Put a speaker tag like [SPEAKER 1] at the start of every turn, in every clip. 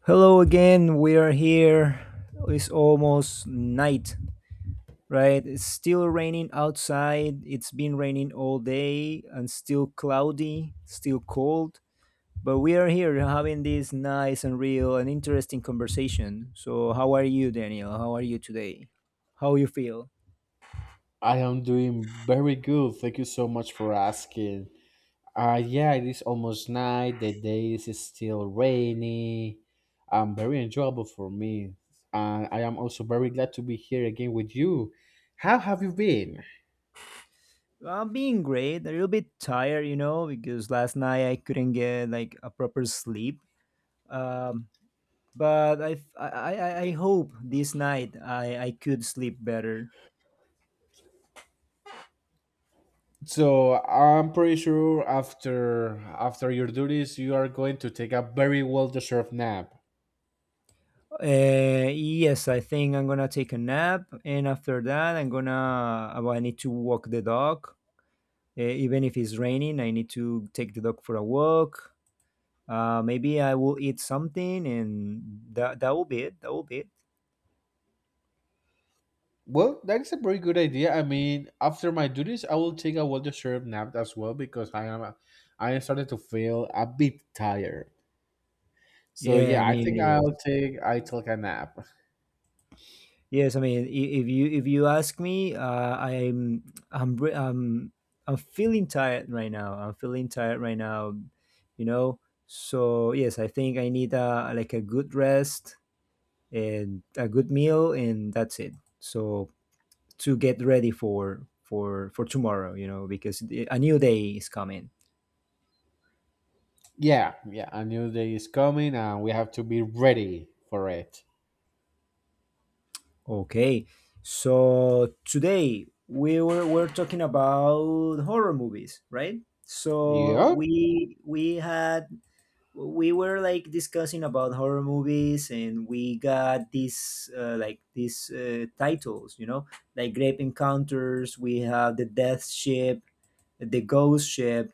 [SPEAKER 1] Hello again. We are here. It's almost night, right? It's still raining outside. It's been raining all day and still cloudy, still cold. But we are here having this nice and real and interesting conversation. So, how are you, Daniel? How are you today? How you feel?
[SPEAKER 2] I am doing very good. Thank you so much for asking. Yeah, it is almost night. The day is still rainy. Very enjoyable for me. And I am also very glad to be here again with you. How have you been?
[SPEAKER 1] I'm being great. A little bit tired, you know, because last night I couldn't get like a proper sleep. Um, but I hope this night I could sleep better.
[SPEAKER 2] So I'm pretty sure after your duties, you are going to take a very well deserved nap.
[SPEAKER 1] Yes, I think I'm gonna take a nap, and after that, I'm gonna. Well, I need to walk the dog. Even if it's raining, I need to take the dog for a walk. Maybe I will eat something, and that will be it. That will be it.
[SPEAKER 2] Well, that is a very good idea. I mean, after my duties, I will take a well-deserved nap as well because I am starting to feel a bit tired. So
[SPEAKER 1] Yeah, I
[SPEAKER 2] yeah, I think
[SPEAKER 1] mean, yes.
[SPEAKER 2] I'll take a nap.
[SPEAKER 1] Yes, I mean, if you ask me, I'm re- I'm feeling tired right now. I'm feeling tired right now, you know. So yes, I think I need a like a good rest and a good meal, and that's it. So to get ready for tomorrow, because a new day is coming.
[SPEAKER 2] Yeah, yeah, a new day is coming, and we have to be ready for it.
[SPEAKER 1] Okay, so today we're talking about horror movies, right? So
[SPEAKER 2] Yeah,
[SPEAKER 1] we had we were like discussing about horror movies, and we got these like these titles, you know, like Grape Encounters. We have The Death Ship, The Ghost Ship,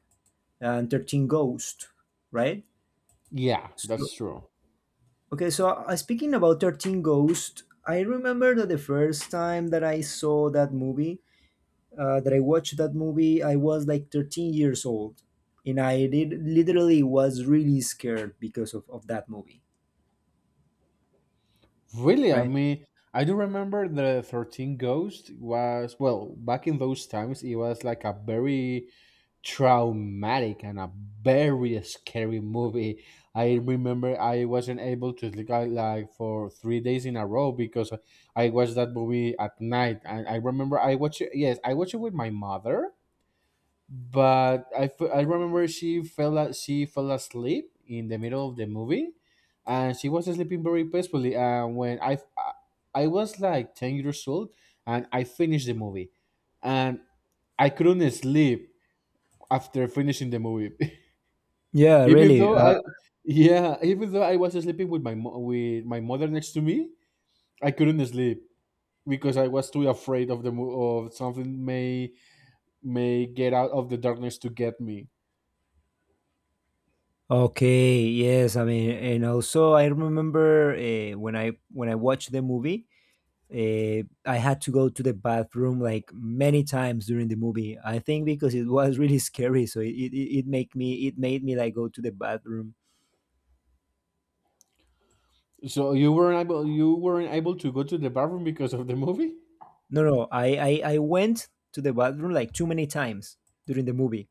[SPEAKER 1] and 13 Ghost, right?
[SPEAKER 2] yeah,
[SPEAKER 1] So,
[SPEAKER 2] that's true.
[SPEAKER 1] okay, so speaking about 13 Ghost, I remember that the first time that I saw that movie, I was like 13 years old, and I did, literally was really scared because of that movie,
[SPEAKER 2] Really, I
[SPEAKER 1] right?
[SPEAKER 2] mean, I do remember the 13 Ghost was, well, back in those times, it was like a very traumatic and a very scary movie. I remember I wasn't able to sleep like for 3 days in a row because I watched that movie at night. And I remember I watched it, yes, I watched it with my mother, but I remember she fell asleep in the middle of the movie, and she was sleeping very peacefully. And when I was like 10 years old, and I finished the movie, and I couldn't sleep after finishing the movie,
[SPEAKER 1] Yeah,
[SPEAKER 2] even
[SPEAKER 1] really.
[SPEAKER 2] though I yeah even though I was sleeping with my mother next to me. I couldn't sleep because I was too afraid of something may get out of the darkness to get me.
[SPEAKER 1] Okay, yes. I mean, and also I remember when I watched the movie, I had to go to the bathroom like many times during the movie. I think because it was really scary, so it made me like go to the bathroom.
[SPEAKER 2] So you weren't able to go to the bathroom because of the movie?
[SPEAKER 1] No, no, I went to the bathroom like too many times during the movie,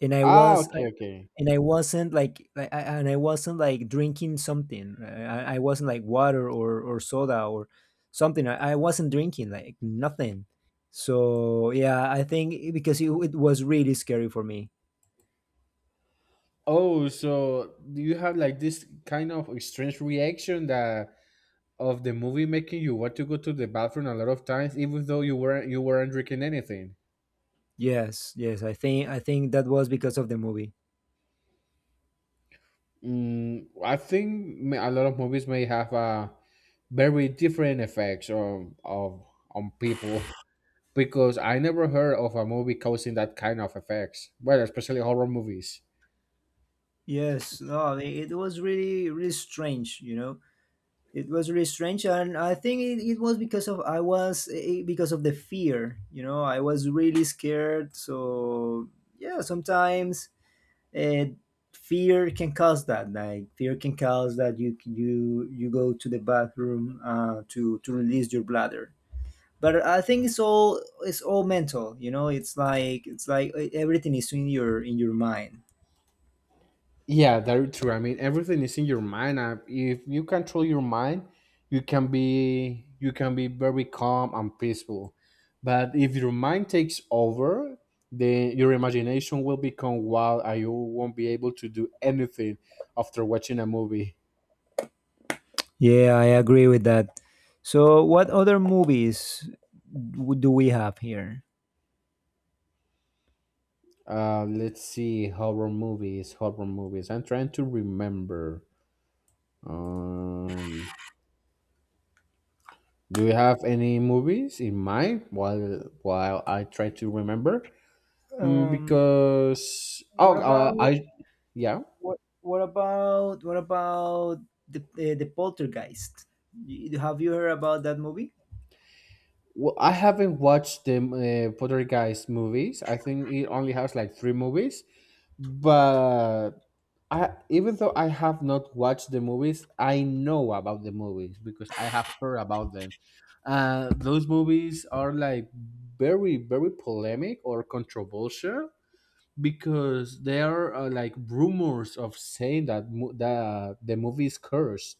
[SPEAKER 1] and I
[SPEAKER 2] Ah,
[SPEAKER 1] was
[SPEAKER 2] okay, okay.
[SPEAKER 1] and I wasn't like, and I wasn't like drinking something. I wasn't like water or soda or something. I wasn't drinking like nothing. So yeah, I think because it was really scary for me.
[SPEAKER 2] Oh, so do you have like this kind of strange reaction, that of the movie making you want to go to the bathroom a lot of times, even though you weren't drinking anything?
[SPEAKER 1] Yes, yes, I think that was because of the movie.
[SPEAKER 2] I think a lot of movies may have a very different effects on people, because I never heard of a movie causing that kind of effects. Well, especially horror movies.
[SPEAKER 1] Yes, no, it was really really strange. You know, it was really strange, and I think it was because of I was eh, eh, because of the fear. You know, I was really scared. So yeah, sometimes uh, fear can cause that, like fear can cause that you go to the bathroom to release your bladder, but I think it's all mental. You know, it's like everything is in your mind.
[SPEAKER 2] Yeah, that is true. I mean, everything is in your mind. If you control your mind, you can be very calm and peaceful. But if your mind takes over, then your imagination will become wild, and you won't be able to do anything after watching a movie.
[SPEAKER 1] Yeah, I agree with that. So, what other movies do we have here?
[SPEAKER 2] Let's see, horror movies. Horror movies. I'm trying to remember. Um, do you have any movies in mind while I try to remember? Mm,
[SPEAKER 1] um
[SPEAKER 2] because
[SPEAKER 1] what
[SPEAKER 2] oh,
[SPEAKER 1] about
[SPEAKER 2] I yeah,
[SPEAKER 1] what what about the Poltergeist? Have you heard about that movie?
[SPEAKER 2] well, I haven't watched the Poltergeist movies. I think it only has like three movies, but I even though I have not watched the movies, I know about the movies because I have heard about them. Those movies are like very very polemic or controversial, because there are like rumors of saying that the movie is cursed.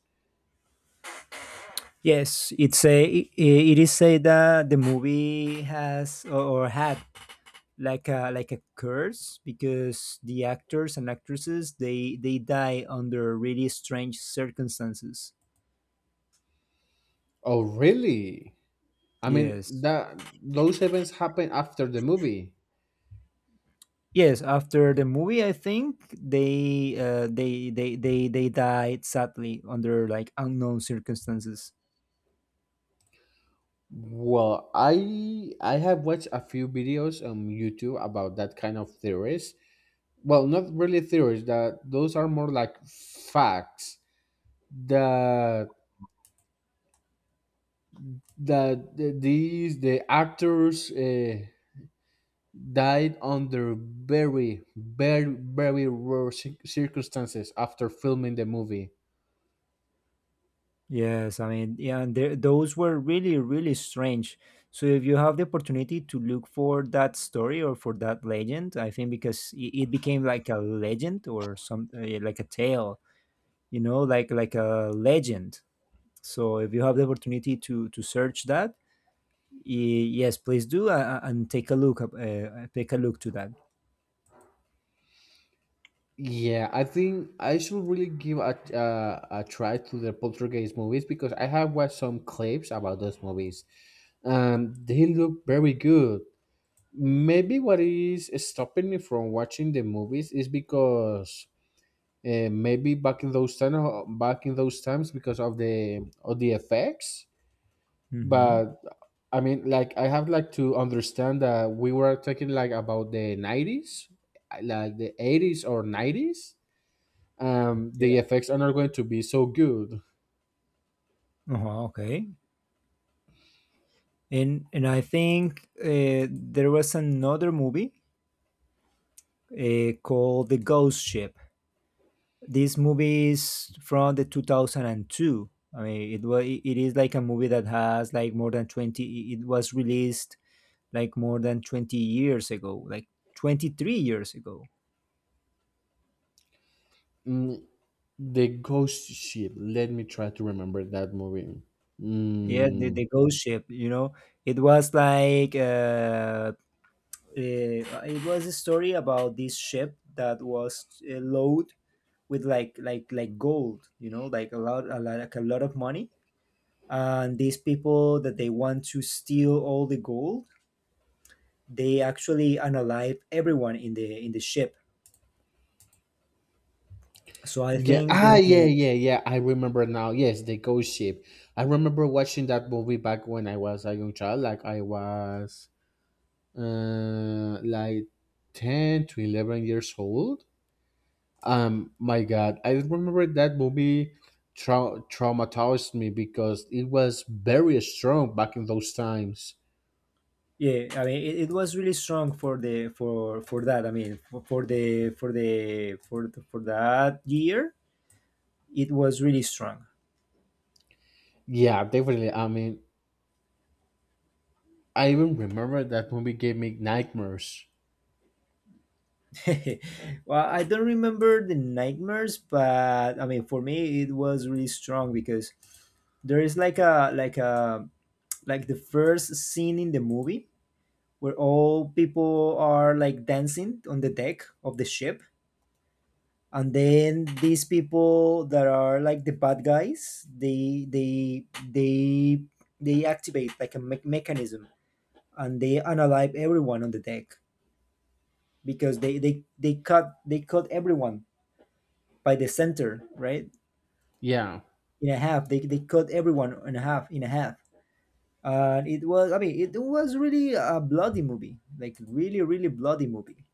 [SPEAKER 1] Yes, it's a it is said that the movie has or had like a curse because the actors and actresses they die under really strange circumstances.
[SPEAKER 2] Oh, really? I mean,
[SPEAKER 1] Yes.
[SPEAKER 2] that those events happen after the movie.
[SPEAKER 1] Yes, after the movie, I think they they died sadly under like unknown circumstances.
[SPEAKER 2] Well, I have watched a few videos on YouTube about that kind of theories. Well, not really theories. That those are more like facts. That that the- these the actors died under very very very rare circumstances after filming the movie.
[SPEAKER 1] Yes, I mean, yeah, and there, those were really, really strange. So if you have the opportunity to look for that story or for that legend, I think because it became like a legend or some like a tale, you know, like a legend. So if you have the opportunity to search that, yes, please do and take a look up, take a look to that.
[SPEAKER 2] Yeah, I think I should really give a try to the Poltergeist movies, because I have watched some clips about those movies. They look very good. Maybe what is stopping me from watching the movies is because maybe back in those times, because of the effects.
[SPEAKER 1] Hmm.
[SPEAKER 2] But I mean, like I have like to understand that we were talking like about the 90s, like the 80s or nineties. um,
[SPEAKER 1] Yeah.
[SPEAKER 2] the effects are not going to be so good.
[SPEAKER 1] Uh-huh, okay. And I think there was another movie called The Ghost Ship. This movie is from the 2002. I mean, it was it is like a movie that has like more than 20. It was released like more than 20 years ago, like 23 years ago.
[SPEAKER 2] Mm, the Ghost Ship. Let me try to remember that movie.
[SPEAKER 1] Yeah,
[SPEAKER 2] Mm,
[SPEAKER 1] the Ghost Ship. You know, it was like uh, uh, it was a story about this ship that was loaded with like gold. You know, like a lot like a lot of money, and these people that they want to steal all the gold, they actually unalive everyone in the ship. So I
[SPEAKER 2] yeah,
[SPEAKER 1] think
[SPEAKER 2] ah,
[SPEAKER 1] they
[SPEAKER 2] yeah, yeah, yeah. I remember now. Yes, the Ghost Ship. I remember watching that movie back when I was a young child. Like I was, like 10 to 11 years old. My God, I remember that movie. Traumatized me because it was very strong back in those times.
[SPEAKER 1] yeah. I mean, it was really strong for the for that. I mean, for the for that year, it was really strong.
[SPEAKER 2] Yeah, definitely. I mean, I even remember that movie gave me nightmares.
[SPEAKER 1] Well, I don't remember the nightmares, but I mean for me it was really strong because there is like a like the first scene in the movie where all people are like dancing on the deck of the ship, and then these people that are like the bad guys they activate like mechanism, and they analyze everyone on the deck because they cut everyone by the center, right?
[SPEAKER 2] Yeah.
[SPEAKER 1] In a half, they cut everyone in a half and it was, I mean, it was really a bloody movie, like really really bloody movie.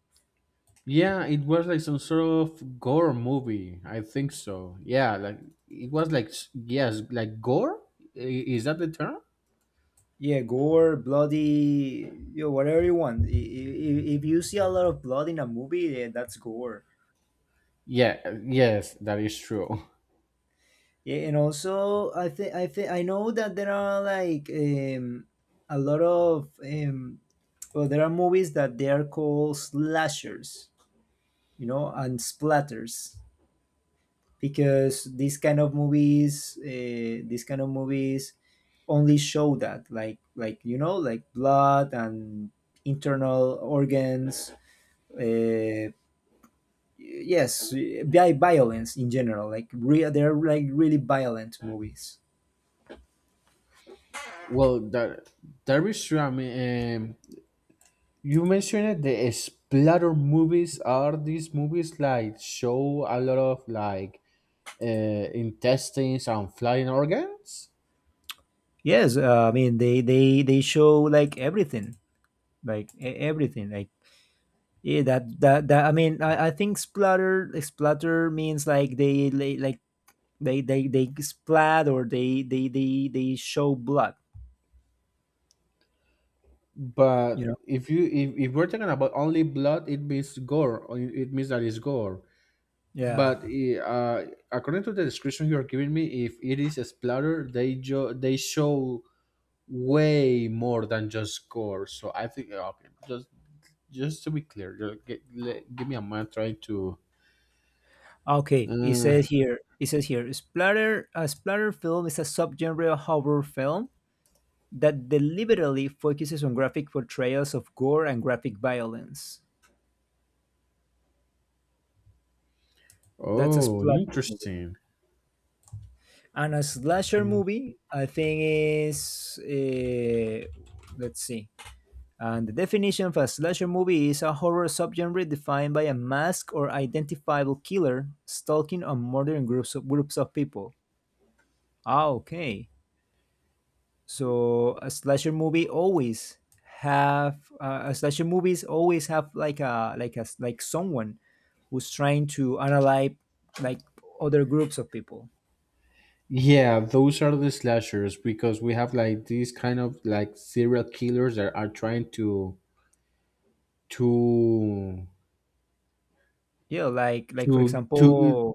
[SPEAKER 2] Yeah, it was like some sort of gore movie. I think so. Yeah, like it was like yes, like gore? I- Is that the term?
[SPEAKER 1] Yeah, gore, bloody, you know, whatever you want. If you see a lot of blood in a movie, yeah, that's gore.
[SPEAKER 2] Yeah, yes, that is true.
[SPEAKER 1] Yeah, and also I think I know that there are like a lot of well, there are movies that they are called slashers, you know, and splatters, because these kind of movies, only show that like you know like blood and internal organs, uh, yes violence in general, like real, they're like really violent movies.
[SPEAKER 2] Well, that is true. I mean, you mentioned it, the splatter movies are these movies like show a lot of like intestines and flying organs?
[SPEAKER 1] Yes, I mean they show like everything, like everything, like yeah. That that that I mean, I think splatter, like, splatter means like they like they splat or they show blood. You
[SPEAKER 2] But
[SPEAKER 1] know.
[SPEAKER 2] if you if we're talking about only blood, it means gore, or it means that it's gore.
[SPEAKER 1] Yeah.
[SPEAKER 2] But according to the description you are giving me, if it is a splatter, they show way more than just gore. So I think okay, just to be clear, give me a minute. Trying to.
[SPEAKER 1] Okay.
[SPEAKER 2] Uh,
[SPEAKER 1] It says here. Splatter. A splatter film is a subgenre of horror film that deliberately focuses on graphic portrayals of gore and graphic violence. That's a
[SPEAKER 2] oh,
[SPEAKER 1] splatter movie.
[SPEAKER 2] interesting.
[SPEAKER 1] And a slasher
[SPEAKER 2] Hmm.
[SPEAKER 1] movie, I think, is. Let's see. And the definition of a slasher movie is a horror subgenre defined by a masked or identifiable killer stalking or murdering groups groups of people. Ah, okay. So a slasher movie always have like a like someone who's trying to analyze like other groups of people.
[SPEAKER 2] Yeah, those are the slashers, because we have like these kind of like serial killers that are trying to
[SPEAKER 1] Yeah, like
[SPEAKER 2] to
[SPEAKER 1] for
[SPEAKER 2] to
[SPEAKER 1] example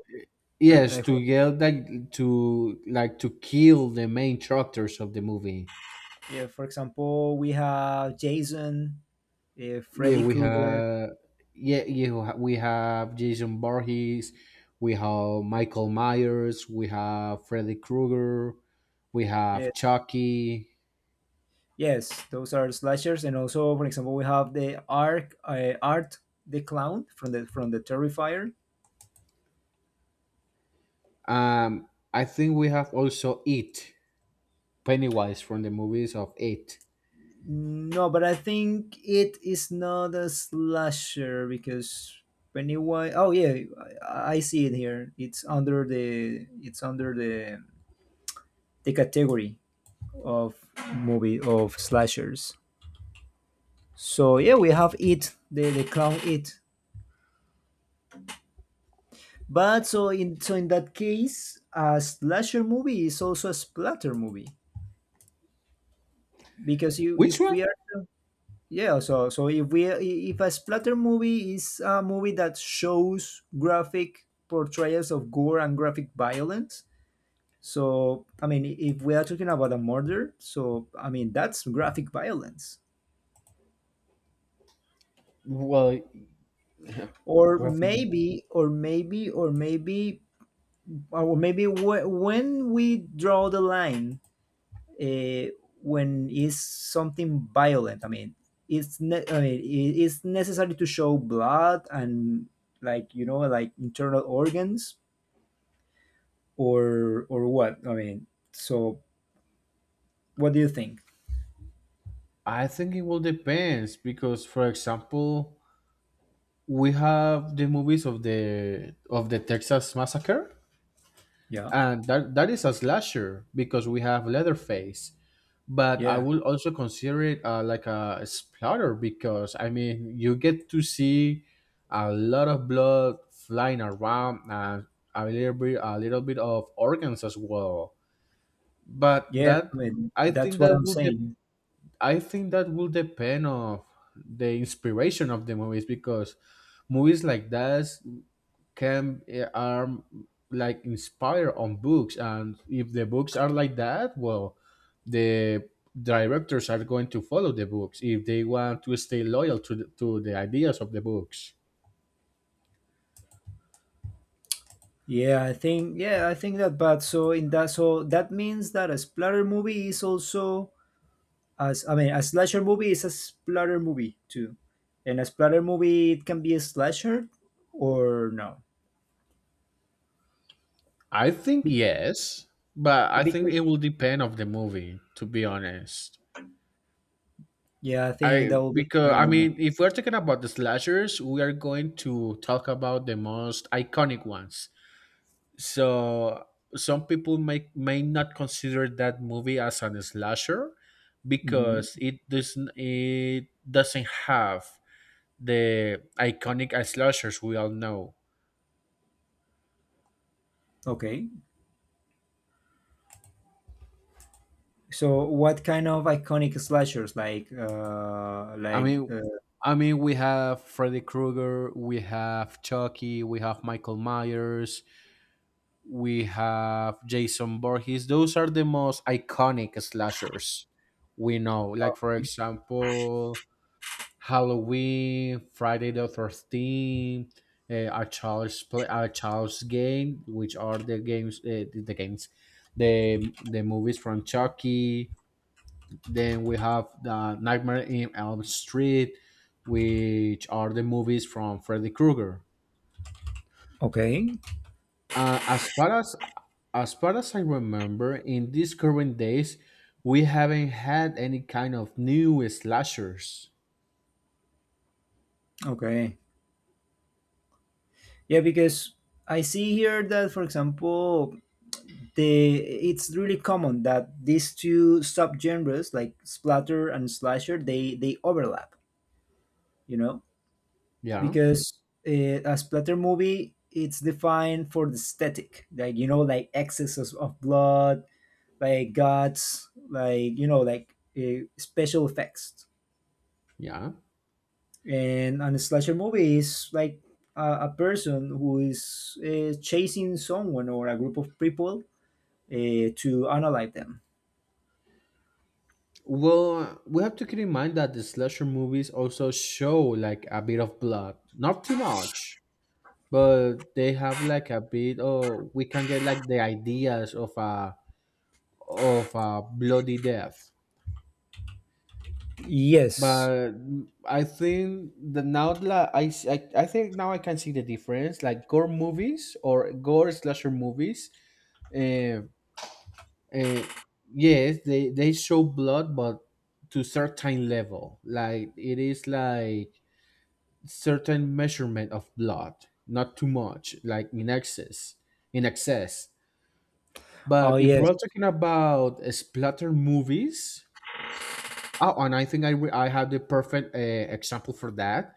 [SPEAKER 2] yes,
[SPEAKER 1] uh,
[SPEAKER 2] to
[SPEAKER 1] for,
[SPEAKER 2] get like to kill the main characters of the movie.
[SPEAKER 1] yeah, for example, we have Jason,
[SPEAKER 2] Yeah,
[SPEAKER 1] Freddy
[SPEAKER 2] we
[SPEAKER 1] Krueger.
[SPEAKER 2] have yeah, yeah, we have Jason Voorhees, we have Michael Myers, we have Freddy Krueger, we
[SPEAKER 1] Yeah,
[SPEAKER 2] have Chucky.
[SPEAKER 1] yes, those are slashers. And also, for example, we have the Ark, Art the Clown from the Terrifier.
[SPEAKER 2] Um, I think we have also It, Pennywise from the movies of It.
[SPEAKER 1] No, but I think it is not a slasher because when it was oh yeah, I see it here. It's under the the category of movie of slashers. So yeah, we have It, the clown It. But so in so in that case, a slasher movie is also a splatter movie because you
[SPEAKER 2] Which
[SPEAKER 1] if
[SPEAKER 2] one?
[SPEAKER 1] we are. Yeah, so so if we if a splatter movie is a movie that shows graphic portrayals of gore and graphic violence, so I mean if we are talking about a murder, so I mean that's graphic violence.
[SPEAKER 2] Well,
[SPEAKER 1] Or
[SPEAKER 2] graphic.
[SPEAKER 1] maybe or maybe or maybe or maybe when we draw the line, uh, when it's something violent. I mean, I mean, it- it's necessary to show blood and like you know like internal organs, or what? I mean, so what do you think?
[SPEAKER 2] I think it will depends because, for example, we have the movies of the Texas Massacre,
[SPEAKER 1] Yeah,
[SPEAKER 2] and that is a slasher because we have Leatherface. But I
[SPEAKER 1] yeah,
[SPEAKER 2] will also consider it like a splatter, because I mean you get to see a lot of blood flying around and a little bit of organs as well. But
[SPEAKER 1] yeah. I
[SPEAKER 2] that
[SPEAKER 1] mean,
[SPEAKER 2] I
[SPEAKER 1] that's
[SPEAKER 2] think
[SPEAKER 1] what
[SPEAKER 2] that
[SPEAKER 1] I'm
[SPEAKER 2] will depend
[SPEAKER 1] saying.
[SPEAKER 2] of the inspiration of the movies, because movies like that are like inspired on books, and if the books are like that, well, the directors are going to follow the books if they want to stay loyal to the ideas of the books.
[SPEAKER 1] Yeah, I think that. But so in that, so that means that a splatter movie is also as I mean, a slasher movie is a splatter movie too, and a splatter movie it can be a slasher or no.
[SPEAKER 2] I think yes, but I think
[SPEAKER 1] Because
[SPEAKER 2] it will depend of the movie. To be honest.
[SPEAKER 1] yeah, I think that
[SPEAKER 2] I
[SPEAKER 1] will be
[SPEAKER 2] because I
[SPEAKER 1] another movie.
[SPEAKER 2] mean, if we're talking about the slashers, we are going to talk about the most iconic ones. So some people may not consider that movie as an slasher,
[SPEAKER 1] Hmm.
[SPEAKER 2] because it doesn't have the iconic slashers we all know.
[SPEAKER 1] Okay, so what kind of iconic slashers,
[SPEAKER 2] I
[SPEAKER 1] like
[SPEAKER 2] mean, we have Freddy Krueger, we have Chucky, we have Michael Myers, we have Jason Voorhees. Those are the most iconic slashers we know. Like, for example, Halloween, Friday the 13th, uh, a child's play, a child's game, which are the games, the games, the movies from Chucky. Then we have the Nightmare in Elm Street, which are the movies from Freddy Krueger.
[SPEAKER 1] okay
[SPEAKER 2] Uh, as far as as far as I remember, in these current days, we haven't had any kind of new slashers.
[SPEAKER 1] okay. Yeah, because I see here that for example the it's really common that these two subgenres, like splatter and slasher, they overlap, you know,
[SPEAKER 2] Yeah,
[SPEAKER 1] because a splatter movie it's defined for the aesthetic, like you know like excesses of blood, like guts, like you know like special effects.
[SPEAKER 2] yeah.
[SPEAKER 1] And on a slasher movie is like a person who is chasing someone or a group of people to analyze them.
[SPEAKER 2] Well, we have to keep in mind that the slasher movies also show like a bit of blood, not too much, but they have like a bit. Oh, we can get like the ideas of a bloody death.
[SPEAKER 1] Yes.
[SPEAKER 2] But I think now I can see the difference. Like, gore movies or gore slasher movies, uh, uh, yes, they show blood, but to certain level. Like it is like certain measurement of blood, not too much, like in excess, in excess.
[SPEAKER 1] Oh
[SPEAKER 2] But if
[SPEAKER 1] yes.
[SPEAKER 2] we're talking about splatter movies, oh, and I think I have the perfect example for that.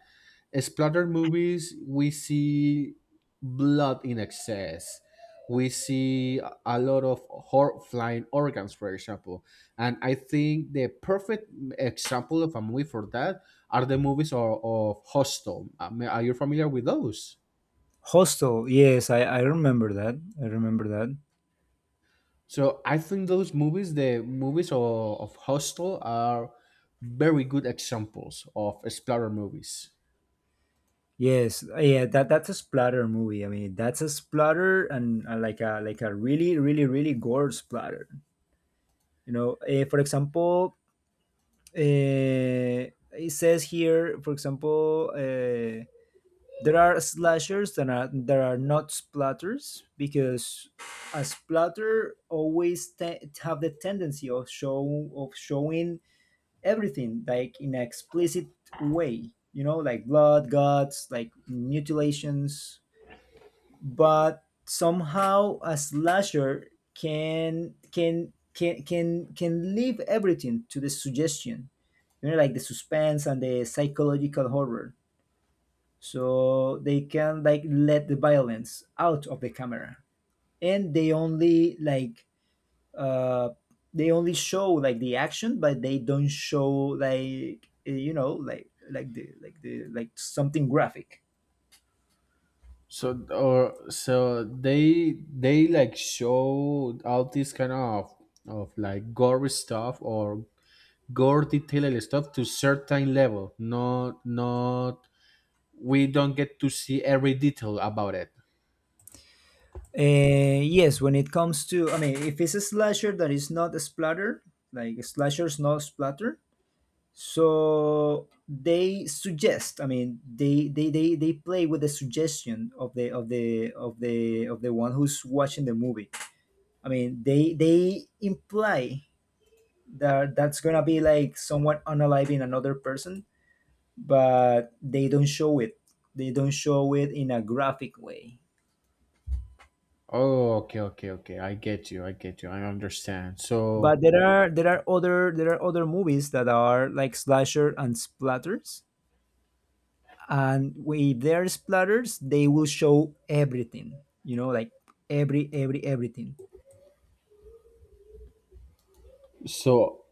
[SPEAKER 2] Splatter movies we see blood in excess. We see a lot of flying organs, for example. And I think the perfect example of a movie for that are the movies of hostel. I mean, are you familiar with those?
[SPEAKER 1] Hostel, yes, I remember that. i remember that
[SPEAKER 2] So I think those movies the movies of hostel are very good examples of splatter movies.
[SPEAKER 1] Yes, yeah, that that's a splatter movie. I mean, that's a splatter and like a really gore splatter. You know, for example, it says here, for example, there are slashers that are not splatters because a splatter always have the tendency of showing everything like in an explicit way. You know, like blood, guts, like mutilations, but somehow a slasher can leave everything to the suggestion, you know, like the suspense and the psychological horror, so they can like let the violence out of the camera, and they only like uh they only show like the action, but they don't show like you know, like something graphic.
[SPEAKER 2] So they like show all this kind of like gory stuff or gore detailed stuff to certain level. Not, we don't get to see every detail about it.
[SPEAKER 1] Yes, when it comes to, I mean, if it's a slasher that is not a splatter, like slashers not splatter, so they suggest. I mean, they play with the suggestion of the one who's watching the movie. I mean, they imply that that's gonna be like someone unaliving another person, but they don't show it. They don't show it in a graphic way.
[SPEAKER 2] Oh, okay, okay, okay, I get you, I understand.
[SPEAKER 1] But there are other movies that are like slasher and splatters, and with their splatters, they will show everything. You know, like everything.
[SPEAKER 2] So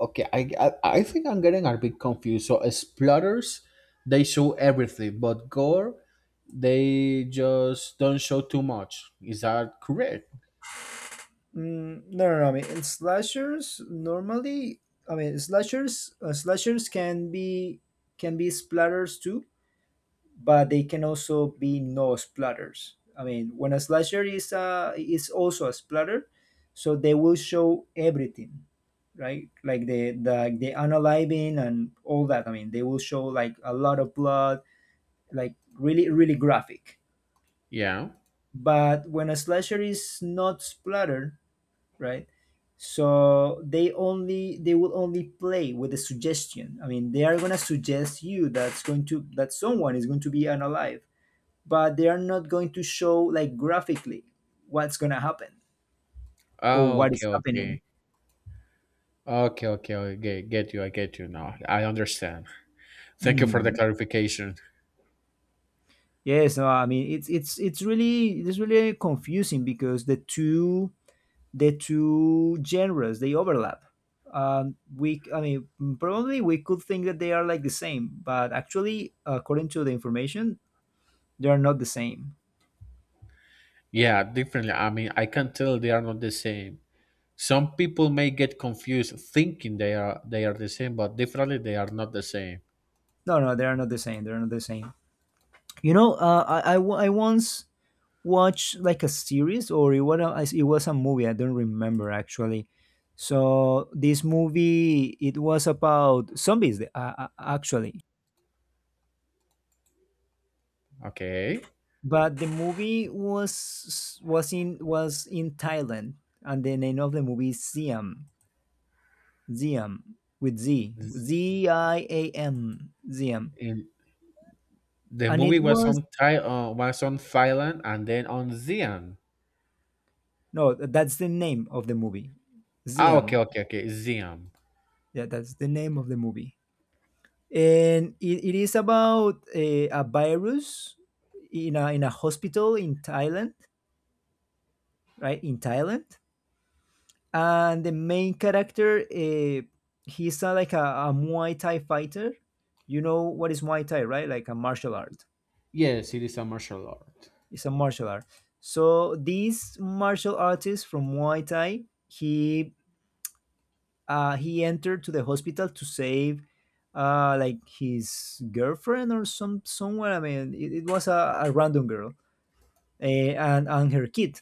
[SPEAKER 2] Okay, I think I'm getting a bit confused. So splatters, they show everything, but gore, they just don't show too much. Is that correct?
[SPEAKER 1] Mm, no, no, no. I mean, in slashers normally, I mean, slashers can be splatters too, but they can also be no splatters. I mean, when a slasher is also a splatter, so they will show everything, right? Like the unaliving and all that. I mean, they will show like a lot of blood, like really graphic.
[SPEAKER 2] Yeah.
[SPEAKER 1] But when a slasher is not splattered, right? So they will only play with the suggestion. I mean, they are gonna suggest you that's going to that someone is going to be unalive, but they are not going to show like graphically what's going to happen or
[SPEAKER 2] Oh,
[SPEAKER 1] what
[SPEAKER 2] okay,
[SPEAKER 1] is happening.
[SPEAKER 2] okay, okay, okay, okay. Get you, I get you now. I understand. Thank you for the
[SPEAKER 1] Mhm.
[SPEAKER 2] clarification.
[SPEAKER 1] Yes, no, I mean it's really it's really confusing because the two genres they overlap. We I mean probably we could think that they are like the same, but actually according to the information, they are not the same.
[SPEAKER 2] Yeah, differently. I mean, I can tell they are not the same. Some people may get confused thinking they are the same, but differently they are not the same.
[SPEAKER 1] No, no, they are not the same. They are not the same. You know, I once watch like a series, or it was it was a movie, I don't remember actually. So this movie, it was about zombies, actually,
[SPEAKER 2] Okay.
[SPEAKER 1] but the movie was in was in Thailand, and the name of the movie is Siam, Ziam, with Z,
[SPEAKER 2] Z-
[SPEAKER 1] z I a m ziam.
[SPEAKER 2] In The
[SPEAKER 1] And it
[SPEAKER 2] movie was
[SPEAKER 1] was,
[SPEAKER 2] on Thai, was on Thailand and then on Xi'an.
[SPEAKER 1] no, that's the name of the movie,
[SPEAKER 2] Ah, okay,
[SPEAKER 1] Ziam.
[SPEAKER 2] okay, okay, Xi'an.
[SPEAKER 1] Yeah, that's the name of the movie. And it is about a virus in in a hospital in Thailand, right, in Thailand. And the main character, he's like a Muay Thai fighter. You know what is Muay Thai, right? Like a martial art.
[SPEAKER 2] Yes, it is a martial art.
[SPEAKER 1] It's a martial art. So this martial artist from Muay Thai, he entered to the hospital to save like his girlfriend or someone. I mean, it was a random girl, and her kid.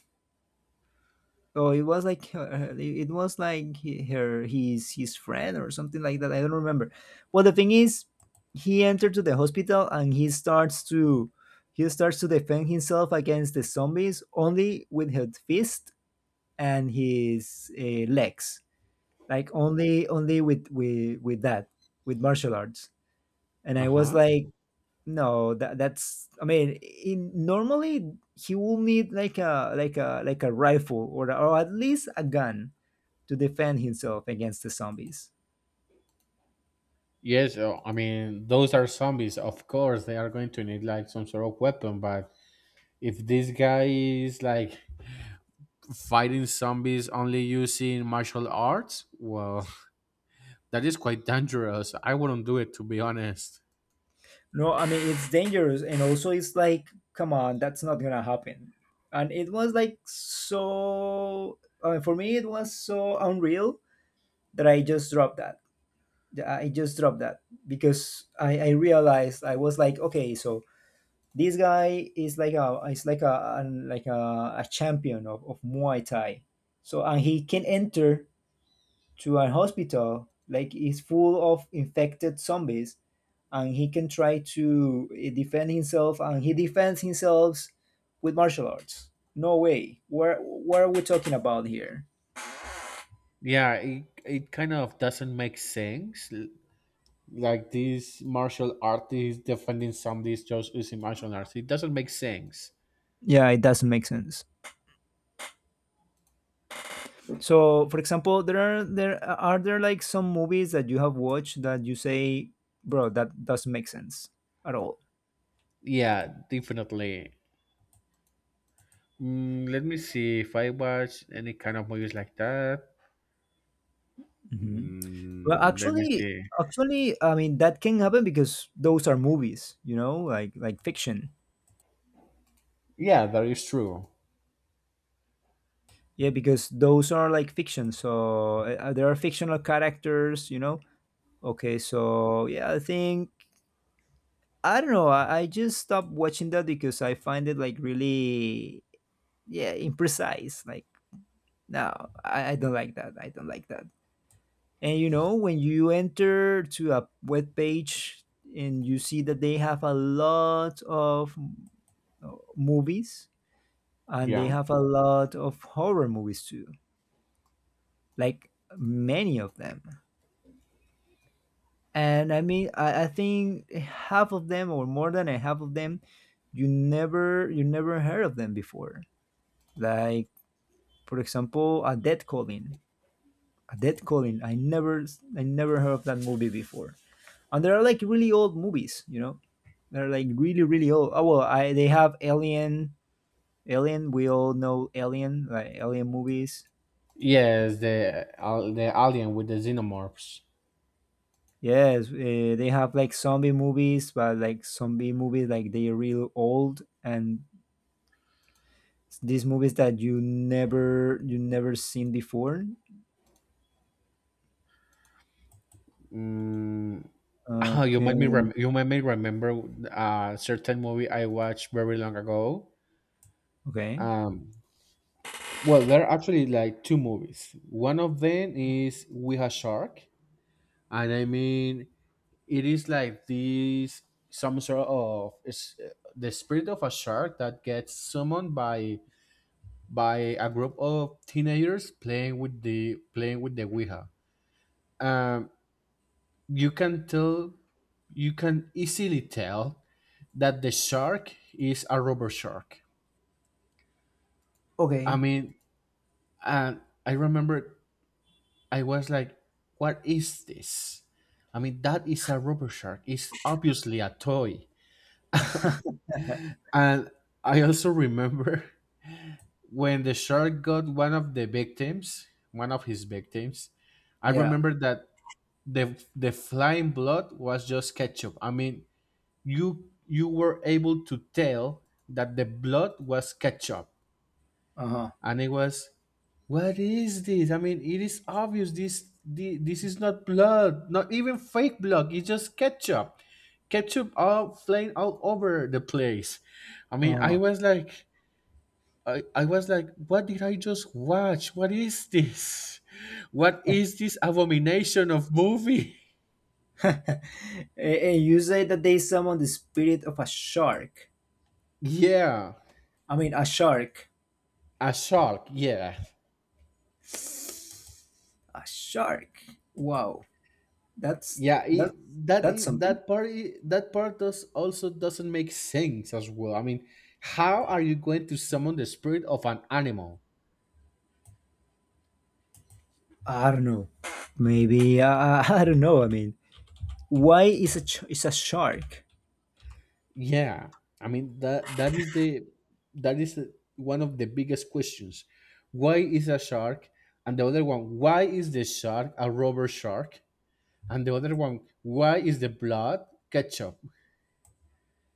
[SPEAKER 1] So it was like her, it was like her, his friend or something like that. I don't remember. Well, the thing is, he entered to the hospital and he starts to defend himself against the zombies only with his fist and his legs, like only only with with that, with martial arts. And
[SPEAKER 2] Uh
[SPEAKER 1] I was
[SPEAKER 2] huh.
[SPEAKER 1] like, no, that that's, I mean, in normally he will need like a like a rifle, or at least a gun, to defend himself against the zombies.
[SPEAKER 2] Yes, I mean those are zombies. Of course, they are going to need like some sort of weapon. But if this guy is like fighting zombies only using martial arts, well, that is quite dangerous. I wouldn't do it to be honest.
[SPEAKER 1] No, I mean it's dangerous, and also it's like, come on, that's not gonna happen. And it was like so, I mean, for me it was so unreal that I just dropped that. I just dropped that because I realized I was like, okay, so this guy is like a is like like a champion of Muay Thai. So and he can enter to a hospital like it's full of infected zombies, and he can try to defend himself, and he defends himself with martial arts. No way. Where, what are we talking about here?
[SPEAKER 2] Yeah, it kind of doesn't make sense. Like these martial artists defending somebody is just using martial arts. It doesn't make sense.
[SPEAKER 1] Yeah, it doesn't make sense. So for example, there are there like some movies that you have watched that you say, bro, that doesn't make sense at all.
[SPEAKER 2] Yeah, definitely. Mm, let me see if I watch any kind of movies like that.
[SPEAKER 1] Mhm. Well,
[SPEAKER 2] Mm, let me
[SPEAKER 1] actually,
[SPEAKER 2] see.
[SPEAKER 1] actually, I mean that can happen because those are movies, you know, like fiction.
[SPEAKER 2] Yeah, that is true.
[SPEAKER 1] Yeah, because those are like fiction. So there are fictional characters, you know. Okay, so yeah, I think I don't know. I just stopped watching that because I find it like really, yeah, imprecise. Like no, I don't like that. I don't like that. And you know, when you enter to a web page and you see that they have a lot of movies, and they
[SPEAKER 2] Yeah.
[SPEAKER 1] have a lot of horror movies too, like many of them. And I mean, I think half of them, or more than a half of them, you never heard of them before. Like for example, A Dead Calling. A Dead Calling. I never, I never heard of that movie before. And they are like really old movies, you know. They're like really old. Oh well, I they have Alien. Alien. We all know Alien, like Alien movies.
[SPEAKER 2] Yes, the alien with the xenomorphs.
[SPEAKER 1] Yes, they have like zombie movies, but like zombie movies, like they're real old, and these movies that you never seen before.
[SPEAKER 2] Mm, you
[SPEAKER 1] Okay,
[SPEAKER 2] made me you made me remember a certain movie I watched very long ago.
[SPEAKER 1] okay.
[SPEAKER 2] Um, Well, there are actually like two movies. One of them is We Have Shark, and I mean it is like this some sort of it's the spirit of a shark that gets summoned by a group of teenagers playing with the Ouija. Um, you can tell you can easily tell that the shark is a rubber shark. I
[SPEAKER 1] Okay.
[SPEAKER 2] mean, and I remember I was like, what is this? I mean, that is a rubber shark. It's obviously a toy. And I also remember when the shark got one of the victims, one of his victims, I
[SPEAKER 1] Yeah.
[SPEAKER 2] remember that the flying blood was just ketchup. I mean, you were able to tell that the blood was ketchup.
[SPEAKER 1] Uh huh.
[SPEAKER 2] And it was, what is this? I mean, it is obvious this is not blood, not even fake blood, it's just ketchup. Ketchup all flying all over the place. I mean, I
[SPEAKER 1] Uh
[SPEAKER 2] was like, I was like, what did I just watch? What is this? What is this abomination of movie?
[SPEAKER 1] huh. And you say that they summon the spirit of a shark.
[SPEAKER 2] Yeah,
[SPEAKER 1] I mean, a shark.
[SPEAKER 2] a shark, yeah.
[SPEAKER 1] A shark. Wow. That's
[SPEAKER 2] Yeah,
[SPEAKER 1] that's that's something.
[SPEAKER 2] that that part does also doesn't make sense as well. I mean, how are you going to summon the spirit of an animal?
[SPEAKER 1] I don't know. Maybe I don't know. I mean, why is a shark?
[SPEAKER 2] Yeah, I mean that is the, that is one of the biggest questions. Why is a shark? And the other one, why is the shark a rubber shark? And the other one, why is the blood ketchup?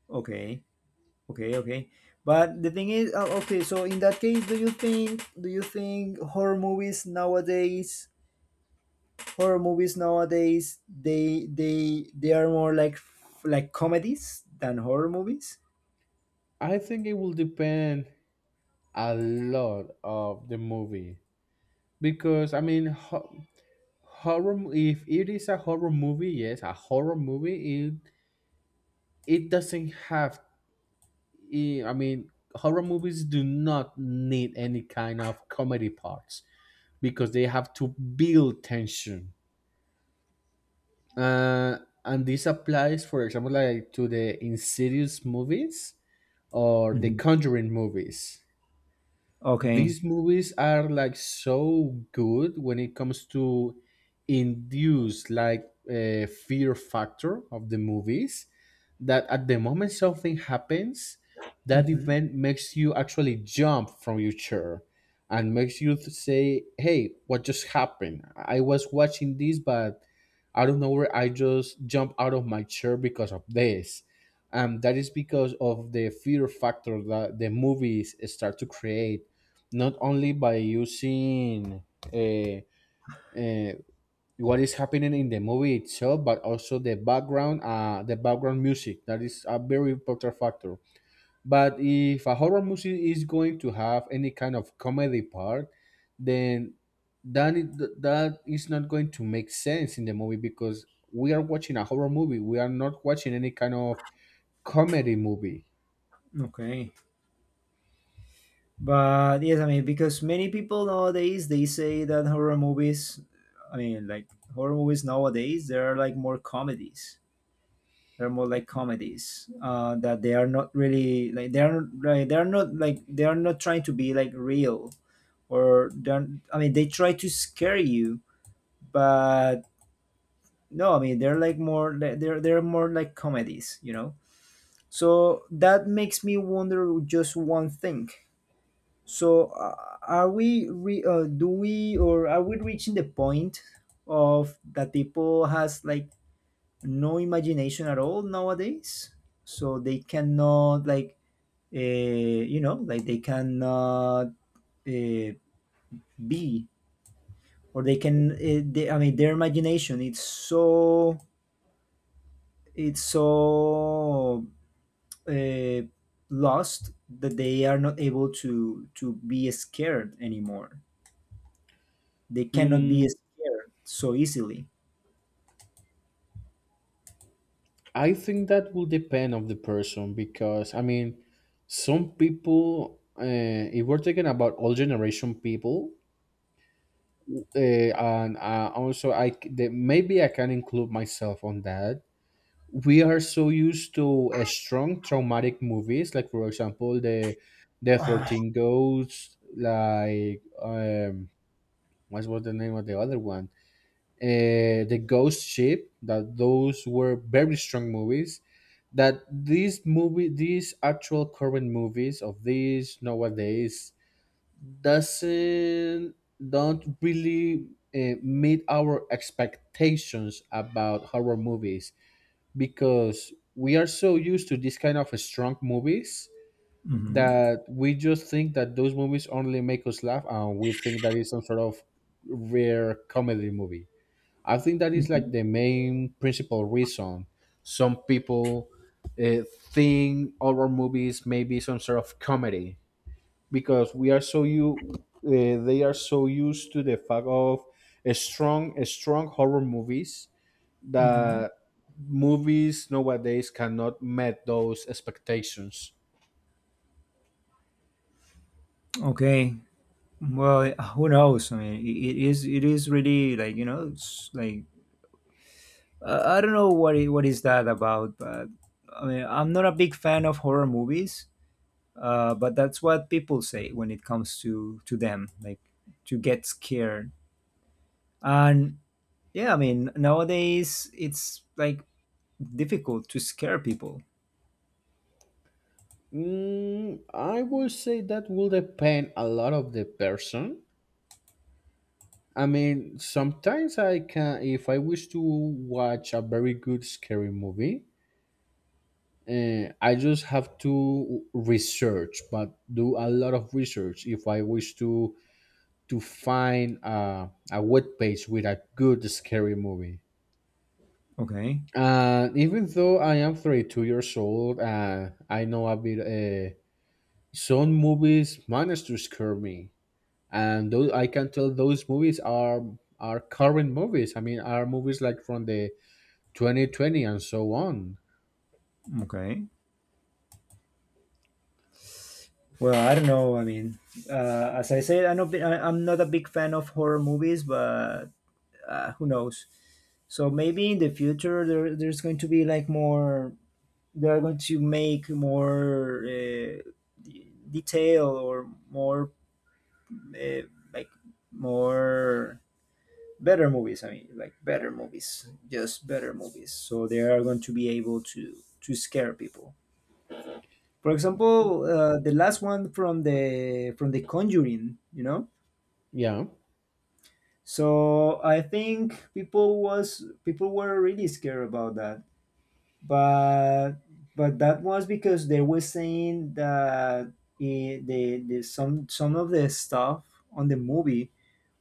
[SPEAKER 1] Okay, okay, okay. But the thing is, okay, so in that case, do you think, do you think horror movies nowadays, horror movies nowadays they are more like like comedies than horror movies?
[SPEAKER 2] I think it will depend a lot of the movie because I mean, if it is a horror movie, yes, a horror movie it, it doesn't have, I mean horror movies do not need any kind of comedy parts because they have to build tension, uh, and this applies for example like to the insidious movies or the
[SPEAKER 1] Mhm.
[SPEAKER 2] conjuring movies.
[SPEAKER 1] Okay.
[SPEAKER 2] These movies are like so good when it comes to induce like a fear factor of the movies, that at the moment something happens, that
[SPEAKER 1] Mm-hmm.
[SPEAKER 2] event makes you actually jump from your chair and makes you say, hey, what just happened? I was watching this, but out of nowhere I just jumped out of my chair because of this. And that is because of the fear factor that the movies start to create, not only by using uh, uh, what is happening in the movie itself, but also the background music. That is a very important factor. But if a horror movie is going to have any kind of comedy part, then that is, that is not going to make sense in the movie because we are watching a horror movie. We are not watching any kind of comedy movie.
[SPEAKER 1] Okay. But yes, I mean, because many people nowadays they say that horror movies, I mean, like horror movies nowadays, they are like more comedies. They're more like comedies, that they are not really like, they are like, they are not like, they are not trying to be like real, or they're, I mean they try to scare you, but no, I mean they're like more like, they're more like comedies, you know. So that makes me wonder just one thing. So are we do we or are we reaching the point of that people has like no imagination at all nowadays, so they cannot like you know, like they cannot uh, be, or they can, I mean their imagination it's so, it's so, uh, lost, that they are not able to be scared anymore. They cannot be
[SPEAKER 2] Hmm,
[SPEAKER 1] scared so easily.
[SPEAKER 2] I think that will depend of the person because I mean, some people, if we're talking about old generation people, and also maybe I can include myself on that. We are so used to strong traumatic movies, like for example the
[SPEAKER 1] Ah.
[SPEAKER 2] 13 Ghosts, like what was the name of the other one? The ghost ship, that those were very strong movies, that these actual current movies of these nowadays doesn't, don't really meet our expectations about horror movies, because we are so used to this kind of strong movies
[SPEAKER 1] Mhm.
[SPEAKER 2] that we just think that those movies only make us laugh, and we think that is some sort of rare comedy movie. I think that is like
[SPEAKER 1] Mhm.
[SPEAKER 2] the main principal reason some people uh, think horror movies may be some sort of comedy because we are so you they are so used to the fact of a strong horror movies,
[SPEAKER 1] Mhm.
[SPEAKER 2] that movies nowadays cannot meet those expectations.
[SPEAKER 1] Okay. Well, who knows? I mean, it is, it is really like, you know, it's like, I don't know what it, what is that about, but I mean, I'm not a big fan of horror movies, but that's what people say when it comes to them, like to get scared. And yeah, I mean, nowadays it's like difficult to scare people.
[SPEAKER 2] Mm, I would say that will depend a lot of the person. I mean, sometimes I can, if I wish to watch a very good scary movie, I just have to research, but do a lot of research if I wish to find a web page with a good scary movie.
[SPEAKER 1] Okay,
[SPEAKER 2] And even though I am 32 years old, I know a bit. Some movies manage to scare me, and those I can tell those movies are current movies. I mean, are movies like from the 2020 and so on.
[SPEAKER 1] okay. Well, I don't know. I mean, as I said, I'm not, I'm not a big fan of horror movies, but who knows? So maybe in the future there, there's going to be like more. They are going to make more detail or more uh, like more better movies. I mean, like better movies, just better movies. So they are going to be able to scare people. For example, the last one from the Conjuring, you know.
[SPEAKER 2] Yeah.
[SPEAKER 1] So I think people were really scared about that, but but that was because they were saying that it, the some of the stuff on the movie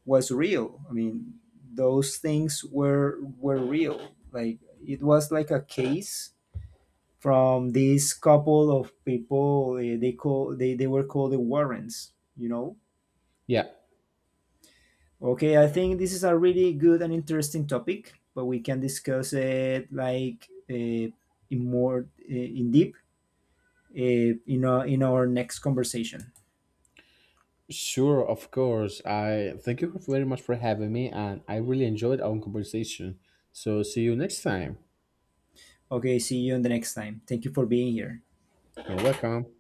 [SPEAKER 1] was real. I mean, those things were real, like it was like a case from this couple of people, they call they were called the Warrens, you know.
[SPEAKER 2] Yeah.
[SPEAKER 1] Okay, I think this is a really good and interesting topic, but we can discuss it like, in more, in deep, uh, in our next conversation.
[SPEAKER 2] Sure, of course. I thank you very much for having me and I really enjoyed our conversation. So see you next time.
[SPEAKER 1] Okay, see you in the next time. Thank you for being here.
[SPEAKER 2] You're welcome.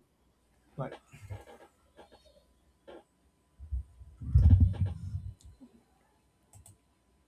[SPEAKER 1] Bye.